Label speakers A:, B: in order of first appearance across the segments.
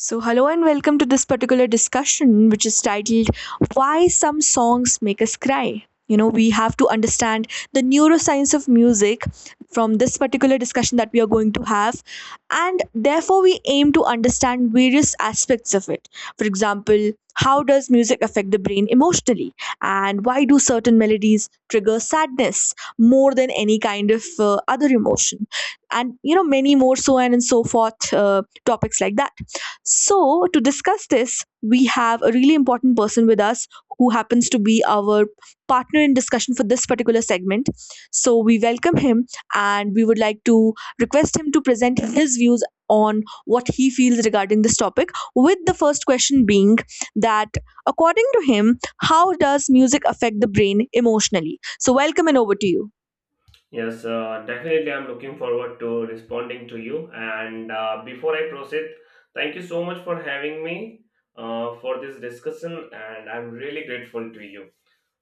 A: So, hello and welcome to this particular discussion, which is titled Why Some Songs Make Us Cry. You know, we have to understand the neuroscience of music from this particular discussion that we are going to have, and therefore we aim to understand various aspects of it. For example, how does music affect the brain emotionally, and why do certain melodies trigger sadness more than any kind of other emotion, and you know, many more so on and so forth topics like that. So, to discuss this, we have a really important person with us who happens to be our partner in discussion for this particular segment. So, we welcome him and we would like to request him to present his views on what he feels regarding this topic. With the first question being that, according to him, how does music affect the brain emotionally? So, welcome and over to you.
B: Yes, definitely. I'm looking forward to responding to you. And Before I proceed, thank you so much for having me for this discussion, and I'm really grateful to you.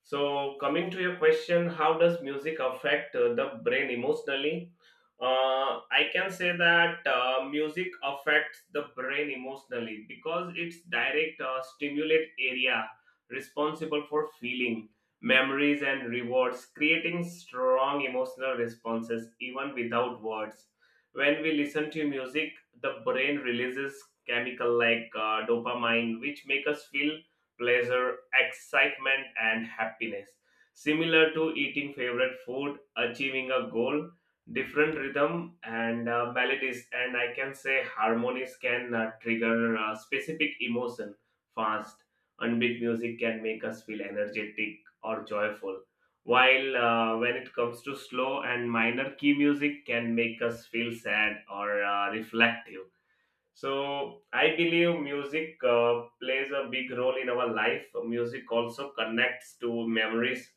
B: So, coming to your question, how does music affect the brain emotionally? I can say that music affects the brain emotionally because it's direct stimulate area responsible for feeling, memories, and rewards, creating strong emotional responses even without words. When we listen to music, the brain releases chemical like dopamine, which make us feel pleasure, excitement, and happiness. Similar to eating favorite food, achieving a goal, different rhythm and melodies, and I can say harmonies can trigger specific emotion fast. Unbeat music can make us feel energetic or joyful. While when it comes to slow and minor key music can make us feel sad or reflective, so I believe music plays a big role in our life. Music also connects to memories,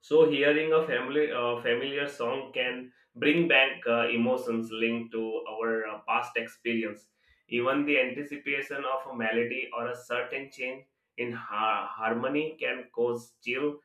B: so hearing a familiar song can bring back emotions linked to our past experience. Even the anticipation of a melody or a certain change in harmony can cause chill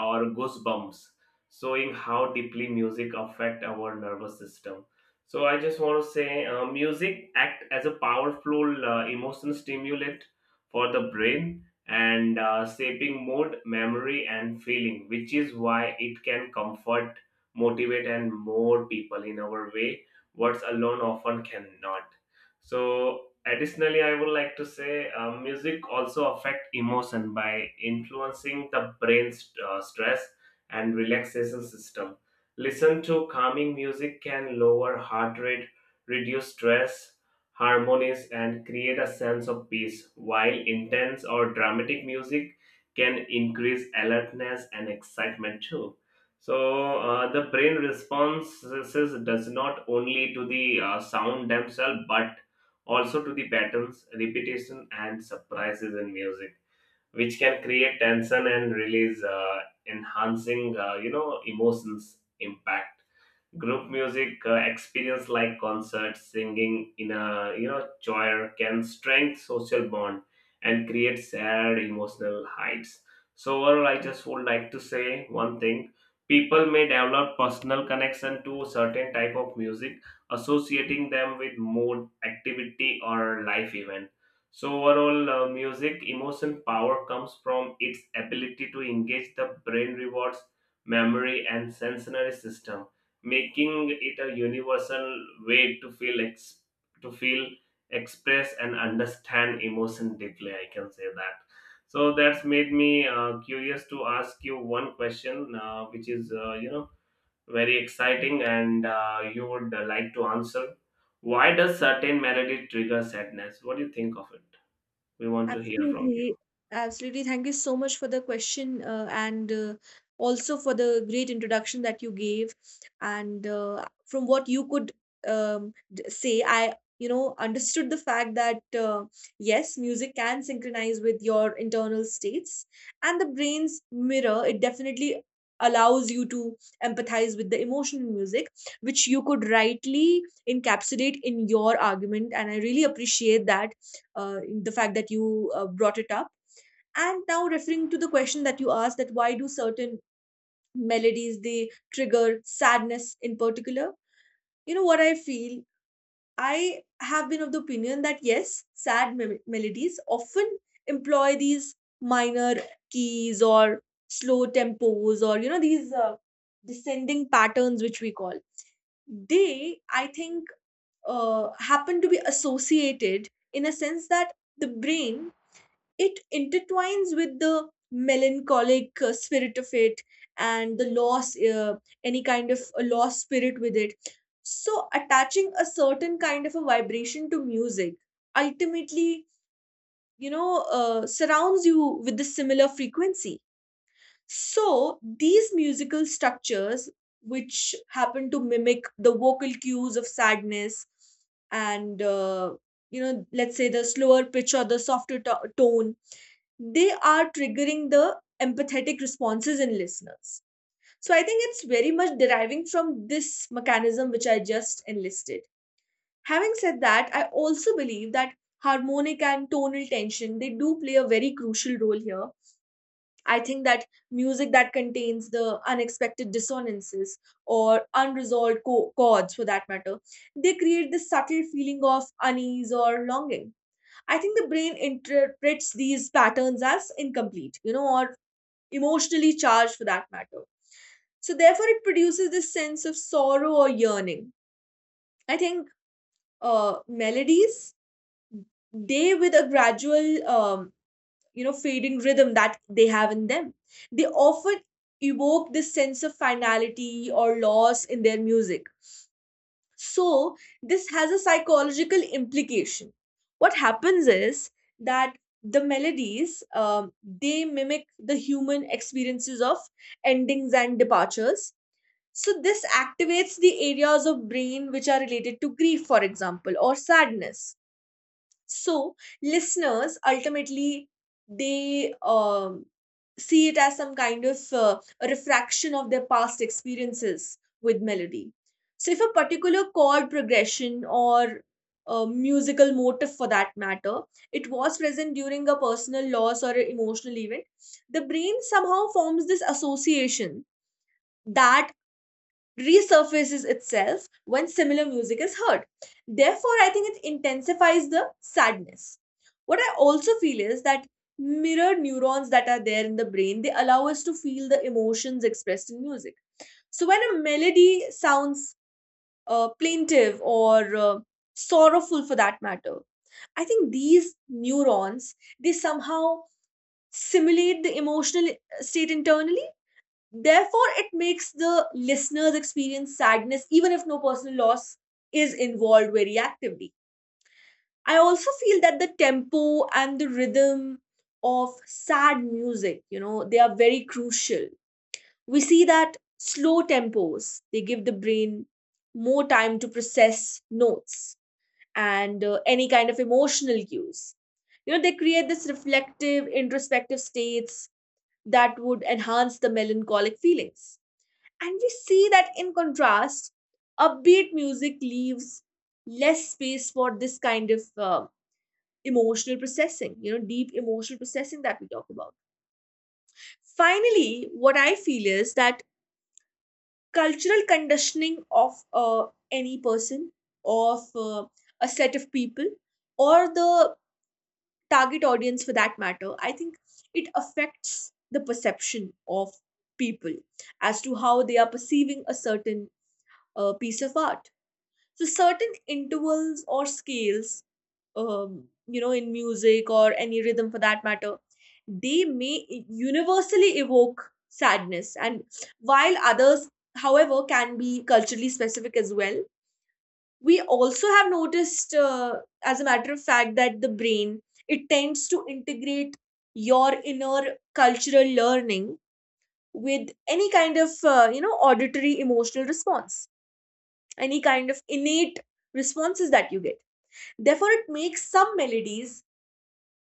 B: or goosebumps, showing how deeply music affect our nervous system. So, I just want to say, music act as a powerful emotion stimulant for the brain and shaping mood, memory, and feeling, which is why it can comfort, motivate, and more people in our way, words alone often cannot. So, additionally, I would like to say music also affect emotion by influencing the brain's stress and relaxation system. Listen to calming music can lower heart rate, reduce stress, harmonies, and create a sense of peace, while intense or dramatic music can increase alertness and excitement too. So, the brain responses does not only to the sound themselves but also to the patterns, repetition, and surprises in music, which can create tension and release, enhancing, you know, emotions impact. Group music experience like concerts, singing in a you know choir can strengthen social bond and create shared emotional heights. So overall, I just would like to say one thing: people may develop personal connection to certain type of music, associating them with mood, activity, or life event. So overall, music emotion power comes from its ability to engage the brain rewards, memory, and sensory system, making it a universal way to to feel, express, and understand emotion deeply, I can say that. So that's made me curious to ask you one question which is, you know, very exciting and you would like to answer: why does certain melody trigger sadness? What do you think of it? We want to hear from you.
A: Absolutely. Absolutely. Thank you so much for the question and also for the great introduction that you gave. And from what you could say, I, you know, understood the fact that yes, music can synchronize with your internal states and the brain's mirror. It definitely allows you to empathize with the emotion in music, which you could rightly encapsulate in your argument. And I really appreciate that the fact that you brought it up. And now referring to the question that you asked, that why do certain melodies they trigger sadness in particular? You know what I feel? I have been of the opinion that yes, sad melodies often employ these minor keys or slow tempos, or you know, these descending patterns which we call, they I think happen to be associated, in a sense that the brain, it intertwines with the melancholic spirit of it and the loss, any kind of a lost spirit with it. So, attaching a certain kind of a vibration to music ultimately, you know, surrounds you with the similar frequency. So, these musical structures, which happen to mimic the vocal cues of sadness and you know, let's say the slower pitch or the softer tone, they are triggering the empathetic responses in listeners. So, I think it's very much deriving from this mechanism which I just enlisted. Having said that, I also believe that harmonic and tonal tension, they do play a very crucial role here. I think that music that contains the unexpected dissonances or unresolved chords, for that matter, they create this subtle feeling of unease or longing. I think the brain interprets these patterns as incomplete, you know, or emotionally charged, for that matter. So, therefore, it produces this sense of sorrow or yearning. I think melodies, they with a gradual you know, fading rhythm that they have in them, they often evoke this sense of finality or loss in their music. So, this has a psychological implication. What happens is that the melodies, they mimic the human experiences of endings and departures. So, this activates the areas of brain which are related to grief, for example, or sadness. So, listeners ultimately, they see it as some kind of a refraction of their past experiences with melody. So, if a particular chord progression or a musical motive, for that matter, it was present during a personal loss or an emotional event, the brain somehow forms this association that resurfaces itself when similar music is heard. Therefore, I think it intensifies the sadness. What I also feel is that mirror neurons that are there in the brain, they allow us to feel the emotions expressed in music. So, when a melody sounds plaintive or sorrowful, for that matter, I think these neurons, they somehow simulate the emotional state internally. Therefore, it makes the listeners experience sadness even if no personal loss is involved very actively. I also feel that the tempo and the rhythm of sad music, you know, they are very crucial. We see that slow tempos, they give the brain more time to process notes and any kind of emotional cues. You know, they create this reflective, introspective states that would enhance the melancholic feelings, and we see that in contrast, upbeat music leaves less space for this kind of emotional processing, you know, deep emotional processing that we talk about. Finally, what I feel is that cultural conditioning of any person, of a set of people, or the target audience, for that matter, I think it affects the perception of people as to how they are perceiving a certain piece of art. So, certain intervals or scales, you know, in music or any rhythm, for that matter, they may universally evoke sadness, and while others, however, can be culturally specific as well. We also have noticed, as a matter of fact, that the brain, it tends to integrate your inner cultural learning with any kind of you know, auditory emotional response, any kind of innate responses that you get. Therefore, it makes some melodies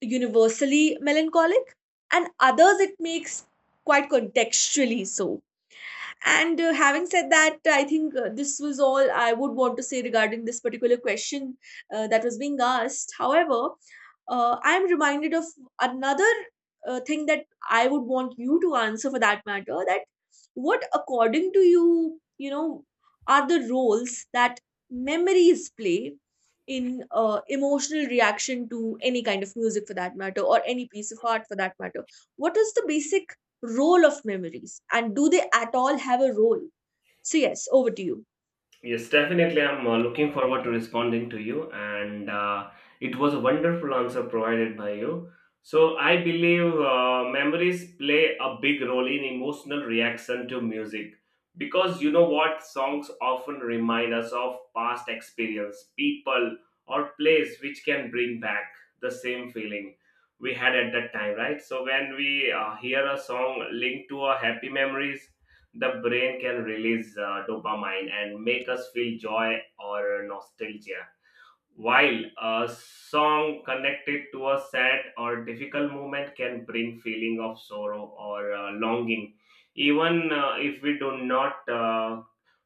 A: universally melancholic, and others it makes quite contextually so. And having said that, I think this was all I would want to say regarding this particular question that was being asked. However, I am reminded of another thing that I would want you to answer, for that matter, that what, according to you, you know, are the roles that memories play in emotional reaction to any kind of music, for that matter, or any piece of art, for that matter? What is the basic role of memories, and do they at all have a role? So, yes, over to you.
B: Yes, definitely. I'm looking forward to responding to you, and it was a wonderful answer provided by you. So, I believe memories play a big role in emotional reaction to music because you know what? Songs often remind us of past experience, people, or place which can bring back the same feeling we had at that time, right? So, when we hear a song linked to our happy memories, the brain can release dopamine and make us feel joy or nostalgia. While a song connected to a sad or difficult moment can bring feeling of sorrow or longing, even if we do not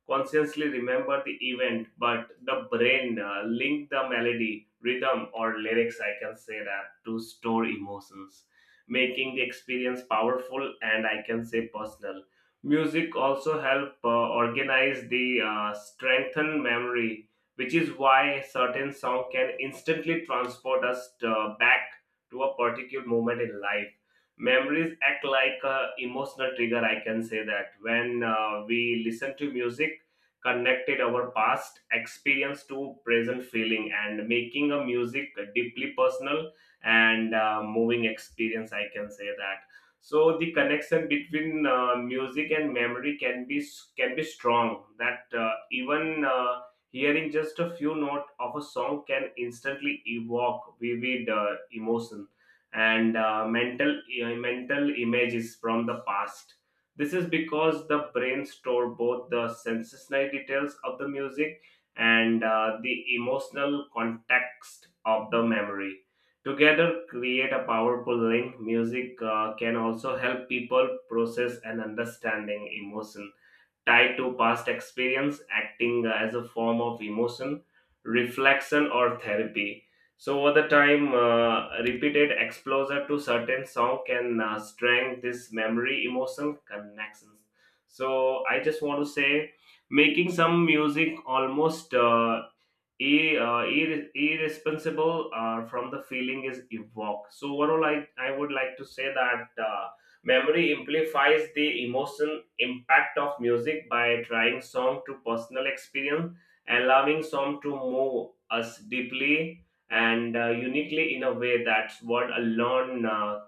B: consciously remember the event, but the brain link the melody, rhythm, or lyrics, I can say that, to store emotions, making the experience powerful and I can say personal. Music also help organize the strengthen memory, which is why certain song can instantly transport us back to a particular moment in life. Memories act like a emotional trigger, I can say that. When we listen to music connected our past experience to present feeling and making a music a deeply personal and moving experience, I can say that. So the connection between music and memory can be strong that even hearing just a few notes of a song can instantly evoke vivid emotions and mental images from the past. This is because the brain store both the sensory details of the music and the emotional context of the memory. Together, create a powerful link. Music can also help people process and understanding emotion tied to past experience, acting as a form of emotion, reflection, or therapy. So, over the time, repeated exposure to certain song can strengthen this memory, emotion connections. So, I just want to say, making some music almost irresponsible from the feeling is evoked. So overall, I would like to say that memory amplifies the emotion impact of music by trying song to personal experience, allowing song to move us deeply and uniquely in a way that's what alone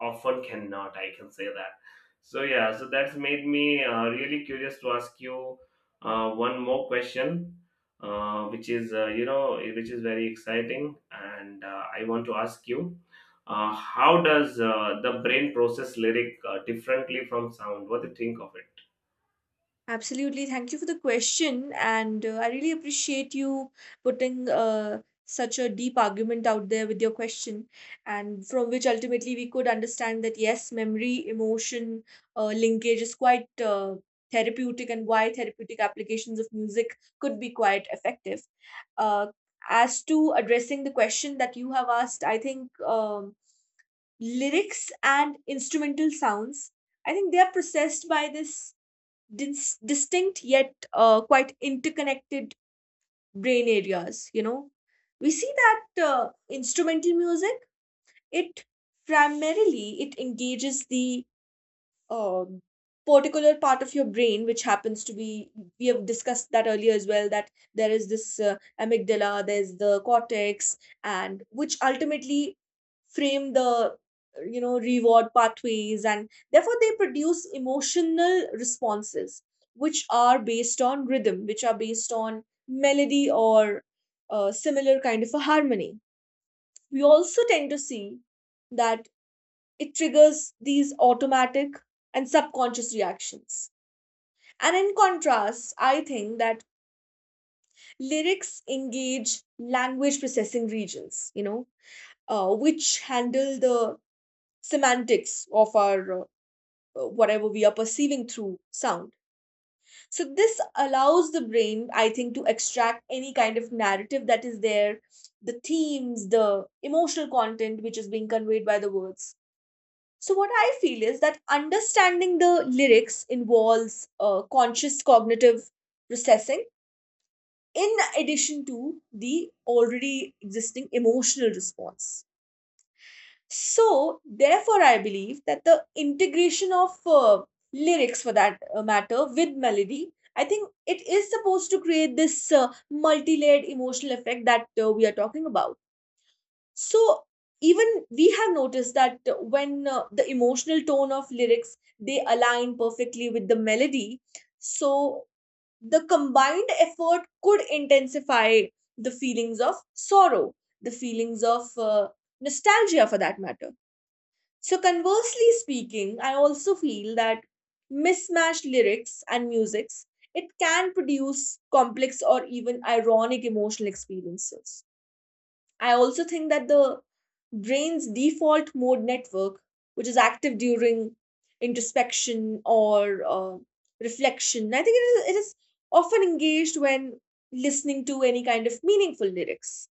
B: often cannot. I can say that. So yeah, so that's made me really curious to ask you one more question which is, you know, which is very exciting and I want to ask you: how does the brain process lyric differently from sound? What do you think of it?
A: Absolutely. Thank you for the question. And I really appreciate you putting such a deep argument out there with your question, and from which ultimately we could understand that yes, memory, emotion linkage is quite therapeutic, and why therapeutic applications of music could be quite effective. Uh, as to addressing the question that you have asked, I think. Lyrics and instrumental sounds. I think they are processed by this distinct yet quite interconnected brain areas. You know, we see that instrumental music, it primarily it engages the um, particular part of your brain, which happens to be, we have discussed that earlier as well, that there is this amygdala, there's the cortex, and which ultimately frame the you know, reward pathways, and therefore they produce emotional responses which are based on rhythm, which are based on melody or similar kind of a harmony. We also tend to see that it triggers these automatic and subconscious reactions. And in contrast, I think that lyrics engage language processing regions, you know, which handle the semantics of our whatever we are perceiving through sound. So, this allows the brain, I think, to extract any kind of narrative that is there, the themes, the emotional content which is being conveyed by the words. So, what I feel is that understanding the lyrics involves conscious cognitive processing in addition to the already existing emotional response. So, therefore, I believe that the integration of lyrics for that matter with melody, I think it is supposed to create this multi layered emotional effect that we are talking about. So, even we have noticed that when the emotional tone of lyrics they align perfectly with the melody, so the combined effort could intensify the feelings of sorrow, the feelings of nostalgia, for that matter. So, conversely speaking, I also feel that mismatched lyrics and musics, it can produce complex or even ironic emotional experiences. I also think that the brain's default mode network, which is active during introspection or reflection, I think it is often engaged when listening to any kind of meaningful lyrics.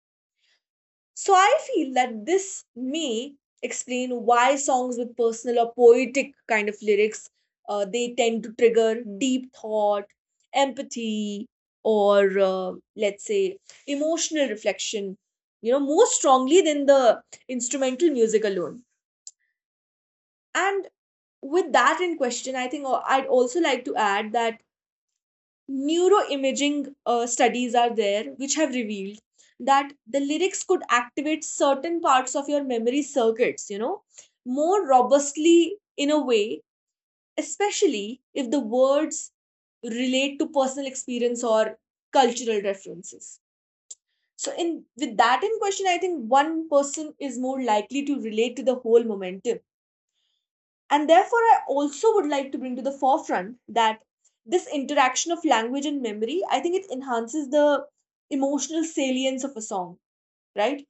A: So, I feel that this may explain why songs with personal or poetic kind of lyrics, they tend to trigger deep thought, empathy, or let's say emotional reflection. You know, more strongly than the instrumental music alone. And with that in question, I think I'd also like to add that neuroimaging studies are there which have revealed that the lyrics could activate certain parts of your memory circuits, you know, more robustly, in a way, especially if the words relate to personal experience or cultural references. So, in with that in question, I think one person is more likely to relate to the whole momentum. And therefore, I also would like to bring to the forefront that this interaction of language and memory, I think it enhances the emotional salience of a song, right?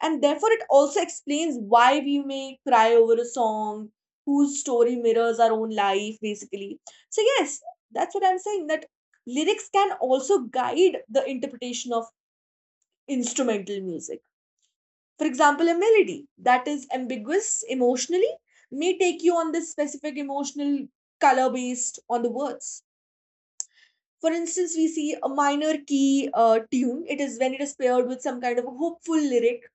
A: And therefore, it also explains why we may cry over a song whose story mirrors our own life, basically. So, yes, that's what I'm saying that lyrics can also guide the interpretation of instrumental music. For example, a melody that is ambiguous emotionally may take you on this specific emotional color based on the words. For instance, we see a minor key tune. It is when it is paired with some kind of a hopeful lyric,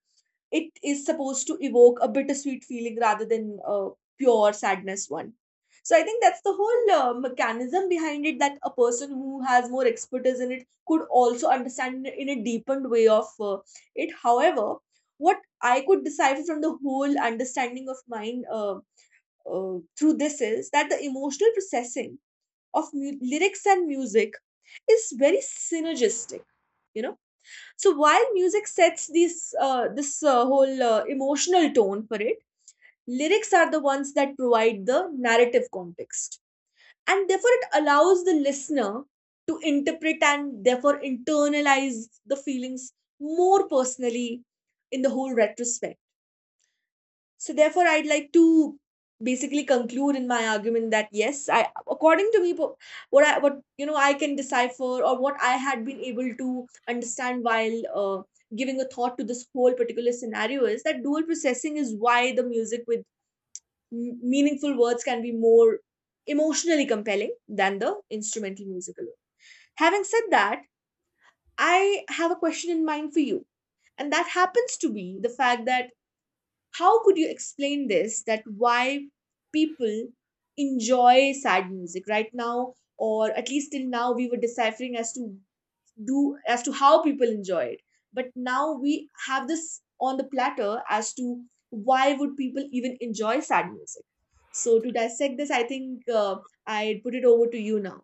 A: it is supposed to evoke a bittersweet feeling rather than a pure sadness one. So I think that's the whole mechanism behind it, that a person who has more expertise in it could also understand in a deepened way of it. However, what I could decipher from the whole understanding of mine through this is that the emotional processing of lyrics and music is very synergistic, you know so while music sets this whole emotional tone for it, lyrics are the ones that provide the narrative context, and therefore it allows the listener to interpret and therefore internalize the feelings more personally in the whole retrospect. So therefore, I'd like to basically conclude in my argument that, yes, I, according to me, what I can decipher, or what I had been able to understand while giving a thought to this whole particular scenario, is that dual processing is why the music with meaningful words can be more emotionally compelling than the instrumental music alone. Having said that, I have a question in mind for you, and that happens to be the fact that how could you explain this, that why people enjoy sad music? Right now, or at least till now, we were deciphering as to do as to how people enjoy it, but now we have this on the platter as to why would people even enjoy sad music. So to dissect this, I think I'd put it over to you now.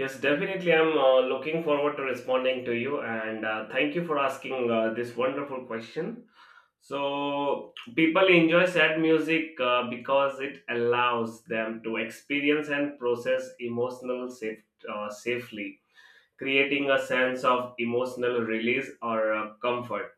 B: Yes, definitely. I'm looking forward to responding to you, and thank you for asking this wonderful question. So people enjoy sad music because it allows them to experience and process safely, creating a sense of emotional release or comfort.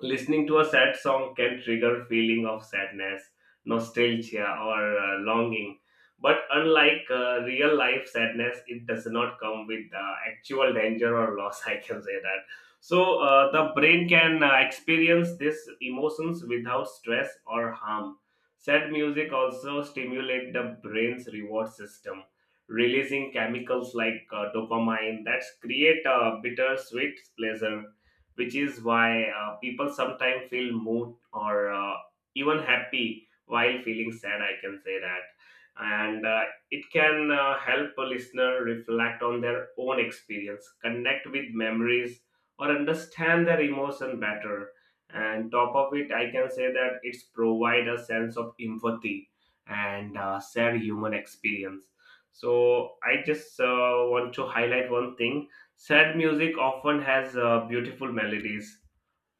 B: Listening to a sad song can trigger feeling of sadness, nostalgia, or longing. But unlike real life sadness, it does not come with actual danger or loss. I can say that. So the brain can experience these emotions without stress or harm. Sad music also stimulate the brain's reward system, releasing chemicals like dopamine that create a bittersweet pleasure, which is why people sometimes feel moved or even happy while feeling sad, I can say that. And it can help a listener reflect on their own experience, connect with memories, or understand their emotion better, and top of it I can say that it's provide a sense of empathy and shared human experience. So I just want to highlight one thing. Sad music often has beautiful melodies,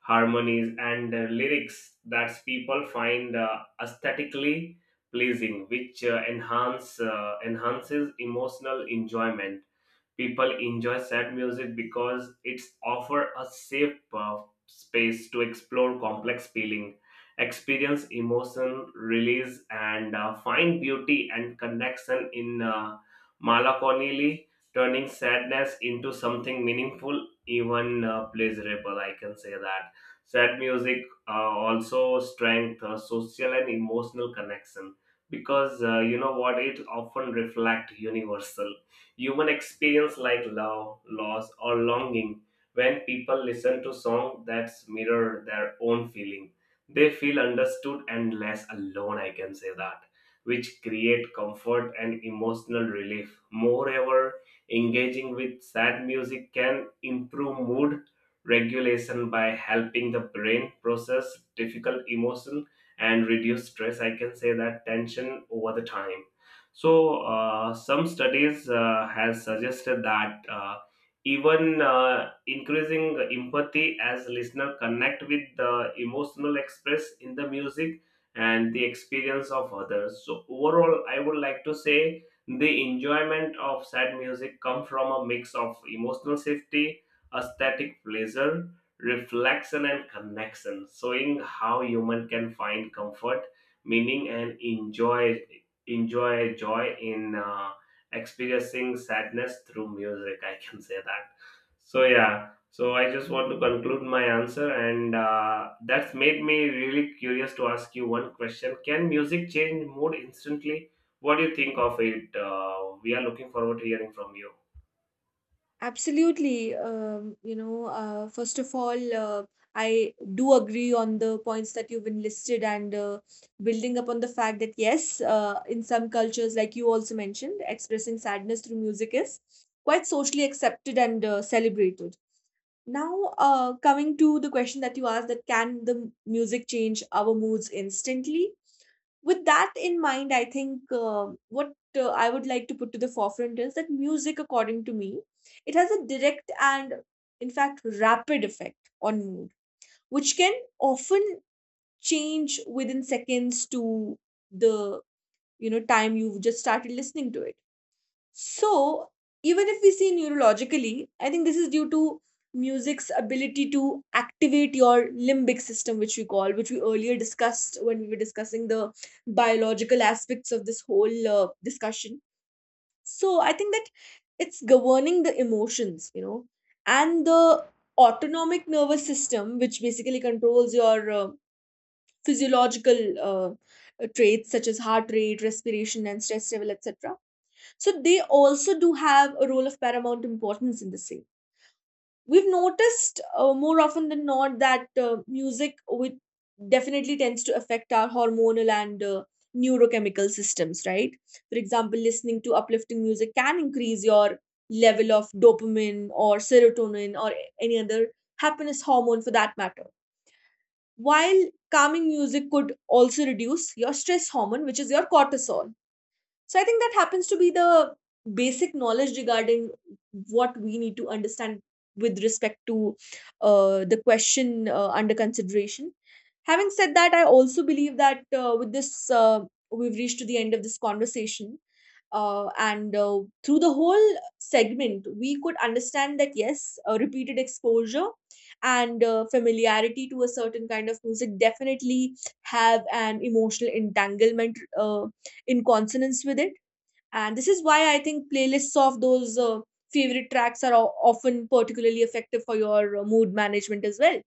B: harmonies, and lyrics that people find aesthetically pleasing, which enhances emotional enjoyment. People enjoy sad music because it's offer a safe space to explore complex feeling, experience emotion release, and find beauty and connection in melancholy, turning sadness into something meaningful, even pleasurable, I can say that. Sad music also strength social and emotional connection, because you know what, it often reflect universal human experience like love, loss, or longing. When people listen to songs that mirror their own feeling, they feel understood and less alone, I can say that, which create comfort and emotional relief. Moreover, engaging with sad music can improve mood regulation by helping the brain process difficult emotion and reduce stress. I can say that tension over the time. So some studies has suggested that even increasing empathy as listener connect with the emotional express in the music and the experience of others. So overall, I would like to say the enjoyment of sad music come from a mix of emotional safety, aesthetic pleasure, reflection, and connection, showing how human can find comfort, meaning, and enjoy joy in experiencing sadness through music, I can say that. So yeah, so I just want to conclude my answer, and that's made me really curious to ask you one question: can music change mood instantly? What do you think of it? We are looking forward to hearing from you.
A: Absolutely. You know, first of all, I do agree on the points that you've enlisted, and building upon the fact that, yes, in some cultures, like you also mentioned, expressing sadness through music is quite socially accepted and celebrated. Now, coming to the question that you asked, that can the music change our moods instantly? With that in mind, I think what I would like to put to the forefront is that music, according to me, it has a direct and, in fact, rapid effect on mood, which can often change within seconds to the, you know, time you've just started listening to it. So, even if we see neurologically, I think this is due to music's ability to activate your limbic system, which we call, which we earlier discussed when we were discussing the biological aspects of this whole discussion. So, I think that it's governing the emotions, you know, and the autonomic nervous system, which basically controls your physiological traits such as heart rate, respiration, and stress level, etc. So they also do have a role of paramount importance in the same. We've noticed, more often than not, that music with definitely tends to affect our hormonal and neurochemical systems, right? For example, listening to uplifting music can increase your level of dopamine or serotonin or any other happiness hormone for that matter. While calming music could also reduce your stress hormone, which is your cortisol. So I think that happens to be the basic knowledge regarding what we need to understand with respect to the question under consideration. Having said that, I also believe that with this, we've reached to the end of this conversation. And through the whole segment, we could understand that, yes, repeated exposure and familiarity to a certain kind of music definitely have an emotional entanglement in consonance with it. And this is why I think playlists of those favorite tracks are often particularly effective for your mood management as well.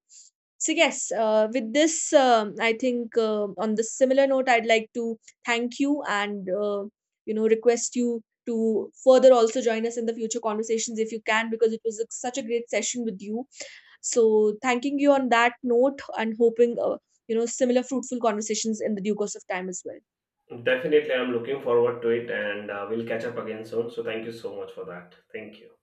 A: So, yes, with this, I think on the similar note, I'd like to thank you and, you know, request you to further also join us in the future conversations if you can, because it was a, such a great session with you. So, thanking you on that note and hoping, you know, similar fruitful conversations in the due course of time as well.
B: Definitely, I'm looking forward to it, and we'll catch up again soon. So, thank you so much for that. Thank you.